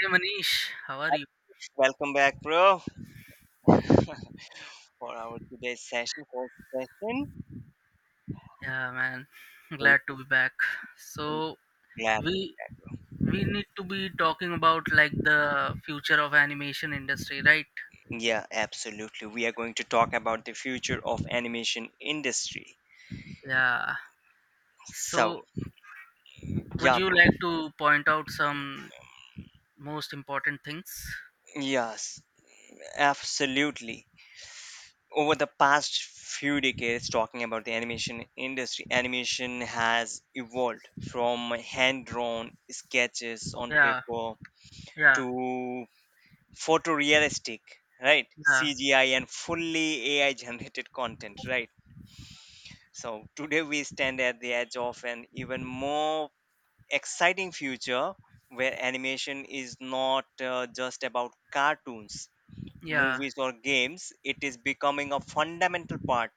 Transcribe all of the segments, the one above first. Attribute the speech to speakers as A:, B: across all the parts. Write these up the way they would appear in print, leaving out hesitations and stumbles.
A: Hey Manish, how are you?
B: Welcome back, bro, for our today's session, first session.
A: Yeah, man,
B: Are
A: glad to be back.
B: are you
A: So
B: glad?
A: we we need to be talking about like the future of animation industry, right?
B: Yeah, absolutely. We are going to talk about the future of animation industry.
A: Yeah.
B: So,
A: So would
B: yeah,
A: you
B: bro.
A: like to point out some most important things?
B: Yes, absolutely. Over the past few decades, talking about the animation industry, animation has evolved from hand drawn sketches on
A: Yeah,
B: paper
A: yeah,
B: to photorealistic, right?
A: yeah,
B: CGI and fully AI generated content, right? So today we stand at the edge of an even more exciting future where animation is not just about cartoons,
A: yeah,
B: movies or games. It is becoming a fundamental part,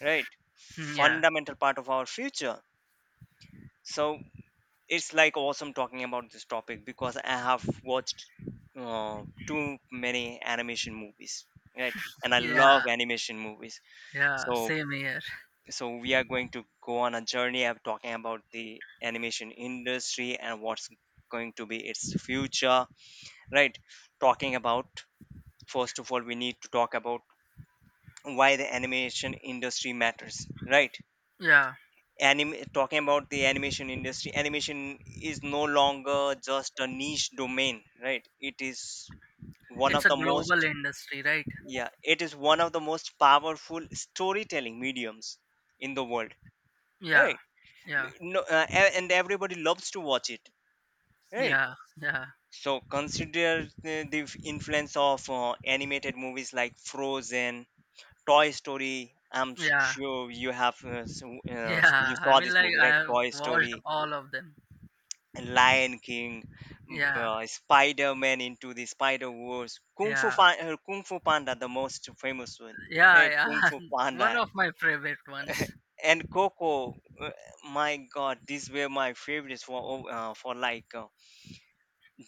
B: right?
A: hmm, yeah,
B: Fundamental part of our future. So it's like awesome talking about this topic because I have watched too many animation movies, right? And I
A: yeah,
B: love animation movies.
A: yeah.
B: So
A: Same here.
B: so we are going to go on a journey of talking about the animation industry and what's going to be its future, right? Talking about, first of all, we need to talk about why the animation industry matters, right?
A: Yeah,
B: Anime, talking about the animation industry, animation is no longer just a niche domain, right? It is one
A: it's
B: of
A: a
B: the
A: global
B: most.
A: industry, right?
B: Yeah, it is one of the most powerful storytelling mediums in the world,
A: Yeah,
B: right.
A: yeah,
B: No, and everybody loves to watch it, right.
A: yeah, yeah,
B: So consider the influence of animated movies like Frozen, Toy Story. i'm s-
A: yeah.
B: sure you have, you
A: Yeah, I
B: saw
A: mean,
B: this
A: like
B: movie,
A: I
B: right?
A: have
B: Toy
A: watched
B: Story,
A: all of them.
B: Lion King,
A: Yeah,
B: Spider Man into the Spider Wars,
A: yeah,
B: Kung Fu Panda, the most famous one.
A: yeah,
B: Right, Kung
A: yeah.
B: Fu
A: One
B: Panda
A: of my favorite ones.
B: and Coco. uh, my God, these were my favorites for, o- for like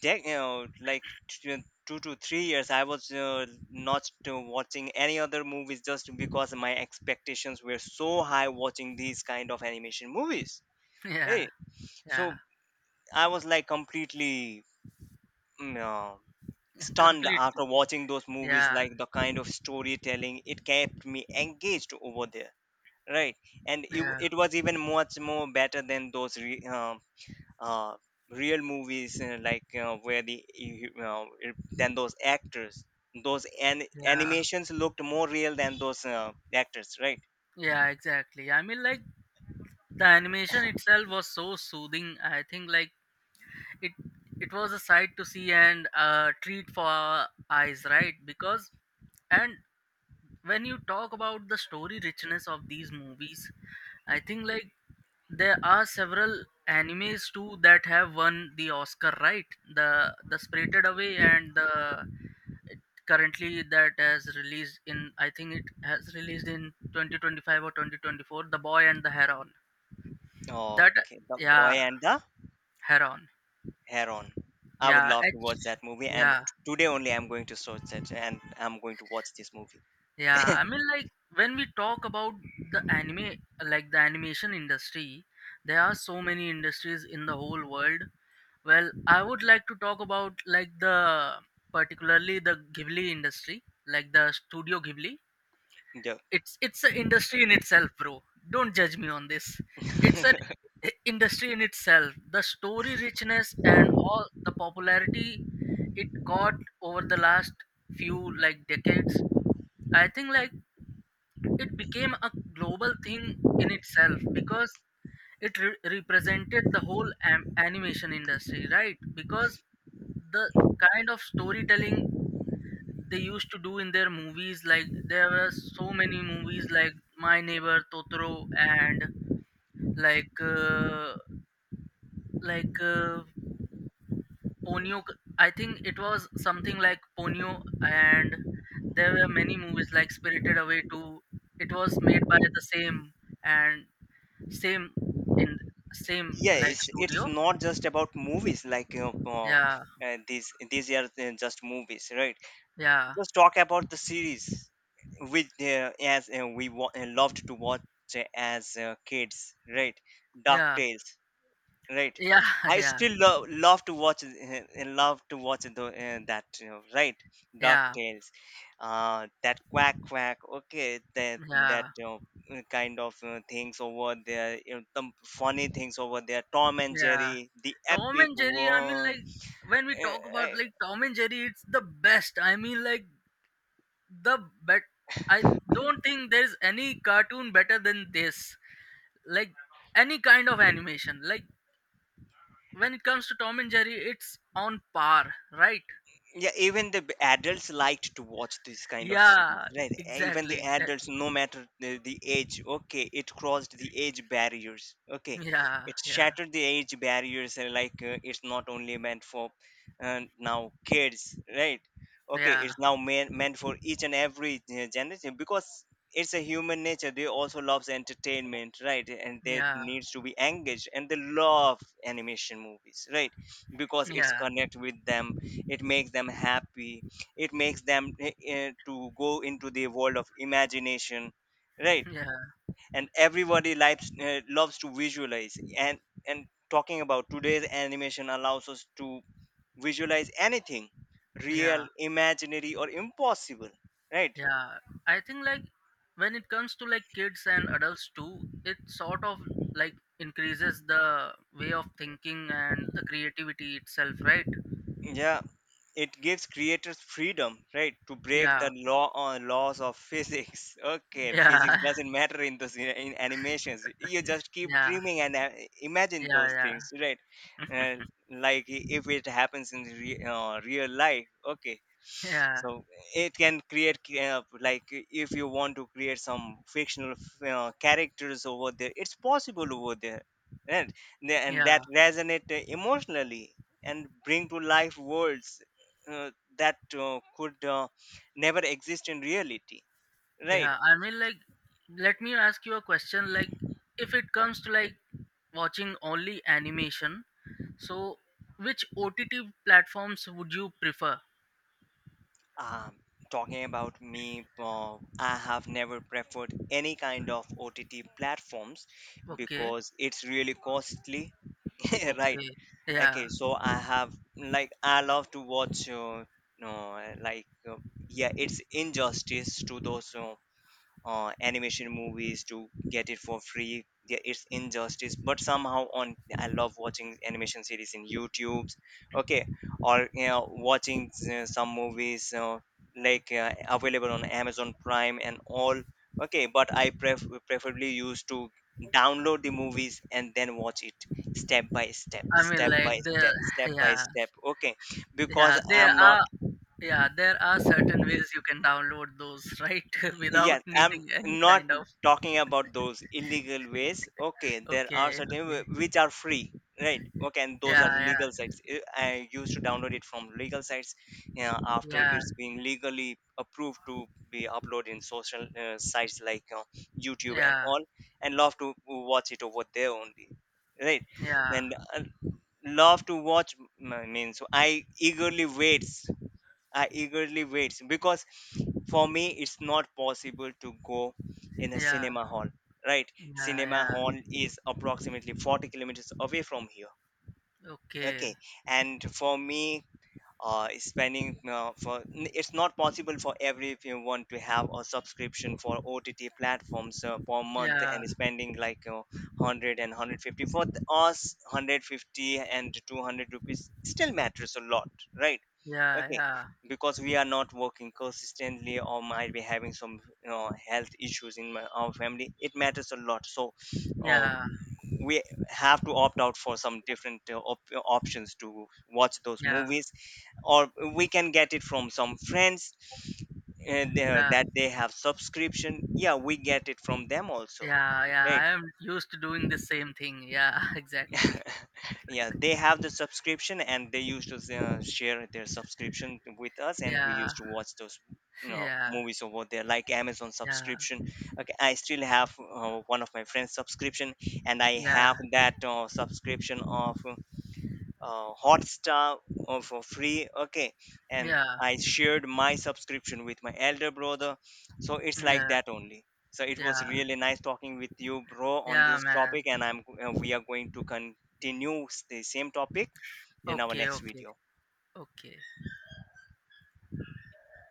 B: dec- like t- 2 to 3 years. I was not watching any other movies just because my expectations were so high watching these kind of animation movies.
A: Yeah,
B: Hey, so
A: yeah,
B: I was like completely, mm, Uh, stunned
A: completely.
B: after watching those movies,
A: Yeah,
B: like the kind of storytelling, it kept me engaged over there, right. And it,
A: yeah,
B: it was even much more better than those uh, real movies, like where the you you know, it- than those actors. Those
A: yeah,
B: animations looked more real than those actors, right.
A: yeah. Exactly. I mean, like the animation itself was so soothing. I think like it it was a sight to see and a treat for our eyes, right? Because and when you talk about the story richness of these movies, I think like there are several animes too that have won the Oscar, right? The Spirited Away and the currently that has released in I think it has released in 2025 or 2024. The Boy and the Heron. That
B: Okay, The Boy
A: yeah,
B: and the
A: Heron.
B: Heron. I would
A: Yeah,
B: love to watch that movie, and
A: yeah,
B: today only I'm going to search it, and I'm going to watch this movie.
A: yeah. I mean, like when we talk about the anime, like the animation industry, there are so many industries in the whole world. Well, I would like to talk about like the particularly the Ghibli industry, like the Studio Ghibli.
B: Yeah.
A: It's an industry in itself, bro. Don't judge me on this. It's an industry in itself. The story richness and all the popularity it got over the last few like decades. I think like it became a global thing in itself because it represented the whole animation industry, right? Because the kind of storytelling they used to do in their movies, like there were so many movies like My Neighbor Totoro and like uh, like uh, Ponyo. I think it was something like Ponyo. And there were many movies like Spirited Away too. It was made by the same and same in same
B: Yeah,
A: like
B: it's
A: studio.
B: not just about movies, like
A: Yeah,
B: these are just movies, right.
A: yeah.
B: Just talk about the series, which as we wa- loved to watch as kids, right? Dark
A: Yeah.
B: Tales, right?
A: Yeah,
B: I
A: yeah,
B: still love to watch it. Love to watch it though, that, right. Dark
A: yeah,
B: Tales. That quack quack, okay, that that
A: yeah,
B: you know eh, kind of things over there, some funny things over there. Tom and
A: yeah,
B: Jerry, the
A: Tom
B: epic
A: and Jerry, I mean,
B: one.
A: like, when we talk about,
B: Uh,
A: like, Tom and Jerry, it's the best. I mean, like, the bet. I don't think there's any cartoon better than this. Like, any kind of animation. Like, when it comes to Tom and Jerry, it's on par, right?
B: Yeah, even the adults liked to watch this kind of series,
A: Yeah,
B: right? Even
A: exactly,
B: the adults,
A: exactly.
B: no matter the age, okay. It crossed the age barriers, okay,
A: Yeah,
B: it
A: yeah,
B: shattered the age barriers. And like it's not only meant for now kids, right? Okay,
A: yeah,
B: it's now meant for each and every generation, because it's a human nature. They also loves entertainment, right? And they
A: yeah,
B: needs to be engaged, and they love animation movies, right? Because it's
A: yeah,
B: connect with them, it makes them happy, it makes them to go into the world of imagination, right.
A: yeah,
B: And everybody likes, loves to visualize, and talking about today's animation allows us to visualize anything, real,
A: yeah.
B: imaginary or impossible, right.
A: Yeah, I think like when it comes to like kids and adults too, it sort of like increases the way of thinking and the creativity itself, right?
B: Yeah, it gives creators freedom, right, to break
A: Yeah,
B: the laws of physics. okay, physics
A: yeah,
B: doesn't matter in those, in animations. You just keep
A: yeah,
B: dreaming and imagine
A: yeah,
B: those
A: yeah,
B: things, right. uh, like, if it happens in real life, okay.
A: yeah,
B: So it can create, like if you want to create some fictional characters over there, it's possible over there. And and that
A: yeah,
B: resonate emotionally and bring to life worlds uh, that could never exist in reality, right.
A: yeah. I mean, like, let me ask you a question. Like, if it comes to like watching only animation, so which OTT platforms would you prefer?
B: um, Talking about me, I have never preferred any kind of OTT platforms
A: Okay,
B: because it's really costly, right.
A: okay, yeah.
B: Okay, so I have, like I love to watch, no, like yeah, it's injustice to those animation movies to get it for free. Yeah, it's injustice, but somehow on I love watching animation series in YouTube. Okay, or you know, watching some movies, available on Amazon Prime and all. Okay, but I preferably used to download the movies and then watch it step by step,
A: I
B: step
A: mean,
B: by
A: like the
B: step, step by
A: yeah.
B: step. Okay, because
A: Yeah, there
B: I'm not.
A: are yeah, there are certain ways you can download those, right? Without
B: Yes, I'm
A: needing any
B: not
A: kind of
B: talking about those illegal ways. Okay, there are
A: okay,
B: certain
A: okay.
B: which are free, right? Okay, and those
A: Yeah,
B: are
A: yeah,
B: legal sites. I used to download it from legal sites after
A: yeah,
B: it's been legally approved to be uploaded in social sites like YouTube and
A: yeah,
B: all, and love to watch it over there only, right?
A: yeah,
B: And love to watch means I eagerly wait. I eagerly wait because for me it's not possible to go in a
A: yeah,
B: cinema hall, right.
A: yeah,
B: Cinema
A: yeah.
B: hall is approximately 40 kilometers away from here,
A: Okay.
B: okay. And for me, spending, it's not possible for everyone to have a subscription for OTT platforms per month,
A: Yeah,
B: and spending like 100 150 for us, 150 and 200 rupees still matters a lot, right?
A: yeah,
B: Okay,
A: yeah,
B: because we are not working consistently, or might be having some, you know, health issues in our family. It matters a lot, so uh,
A: yeah,
B: we have to opt out for some different options to watch those
A: yeah,
B: movies, or we can get it from some friends,
A: yeah,
B: that they have subscription. Yeah, we get it from them also,
A: yeah, yeah.
B: right.
A: I am used to doing the same thing. Yeah, exactly.
B: Yeah, they have the subscription and they used to share their subscription with us, and we
A: Yeah,
B: used to watch those, you know,
A: yeah,
B: movies over there, like Amazon
A: yeah,
B: subscription. Okay, I still have one of my friends subscription, and I have
A: yeah,
B: that subscription of Hotstar for free. Okay, and
A: yeah,
B: I shared my subscription with my elder brother, so it's like
A: yeah,
B: that only. So it was
A: yeah,
B: really nice talking with you, bro, on
A: yeah,
B: this
A: man.
B: topic, and I'm we are going to continue the same topic in our
A: Okay,
B: next
A: okay,
B: video.
A: okay.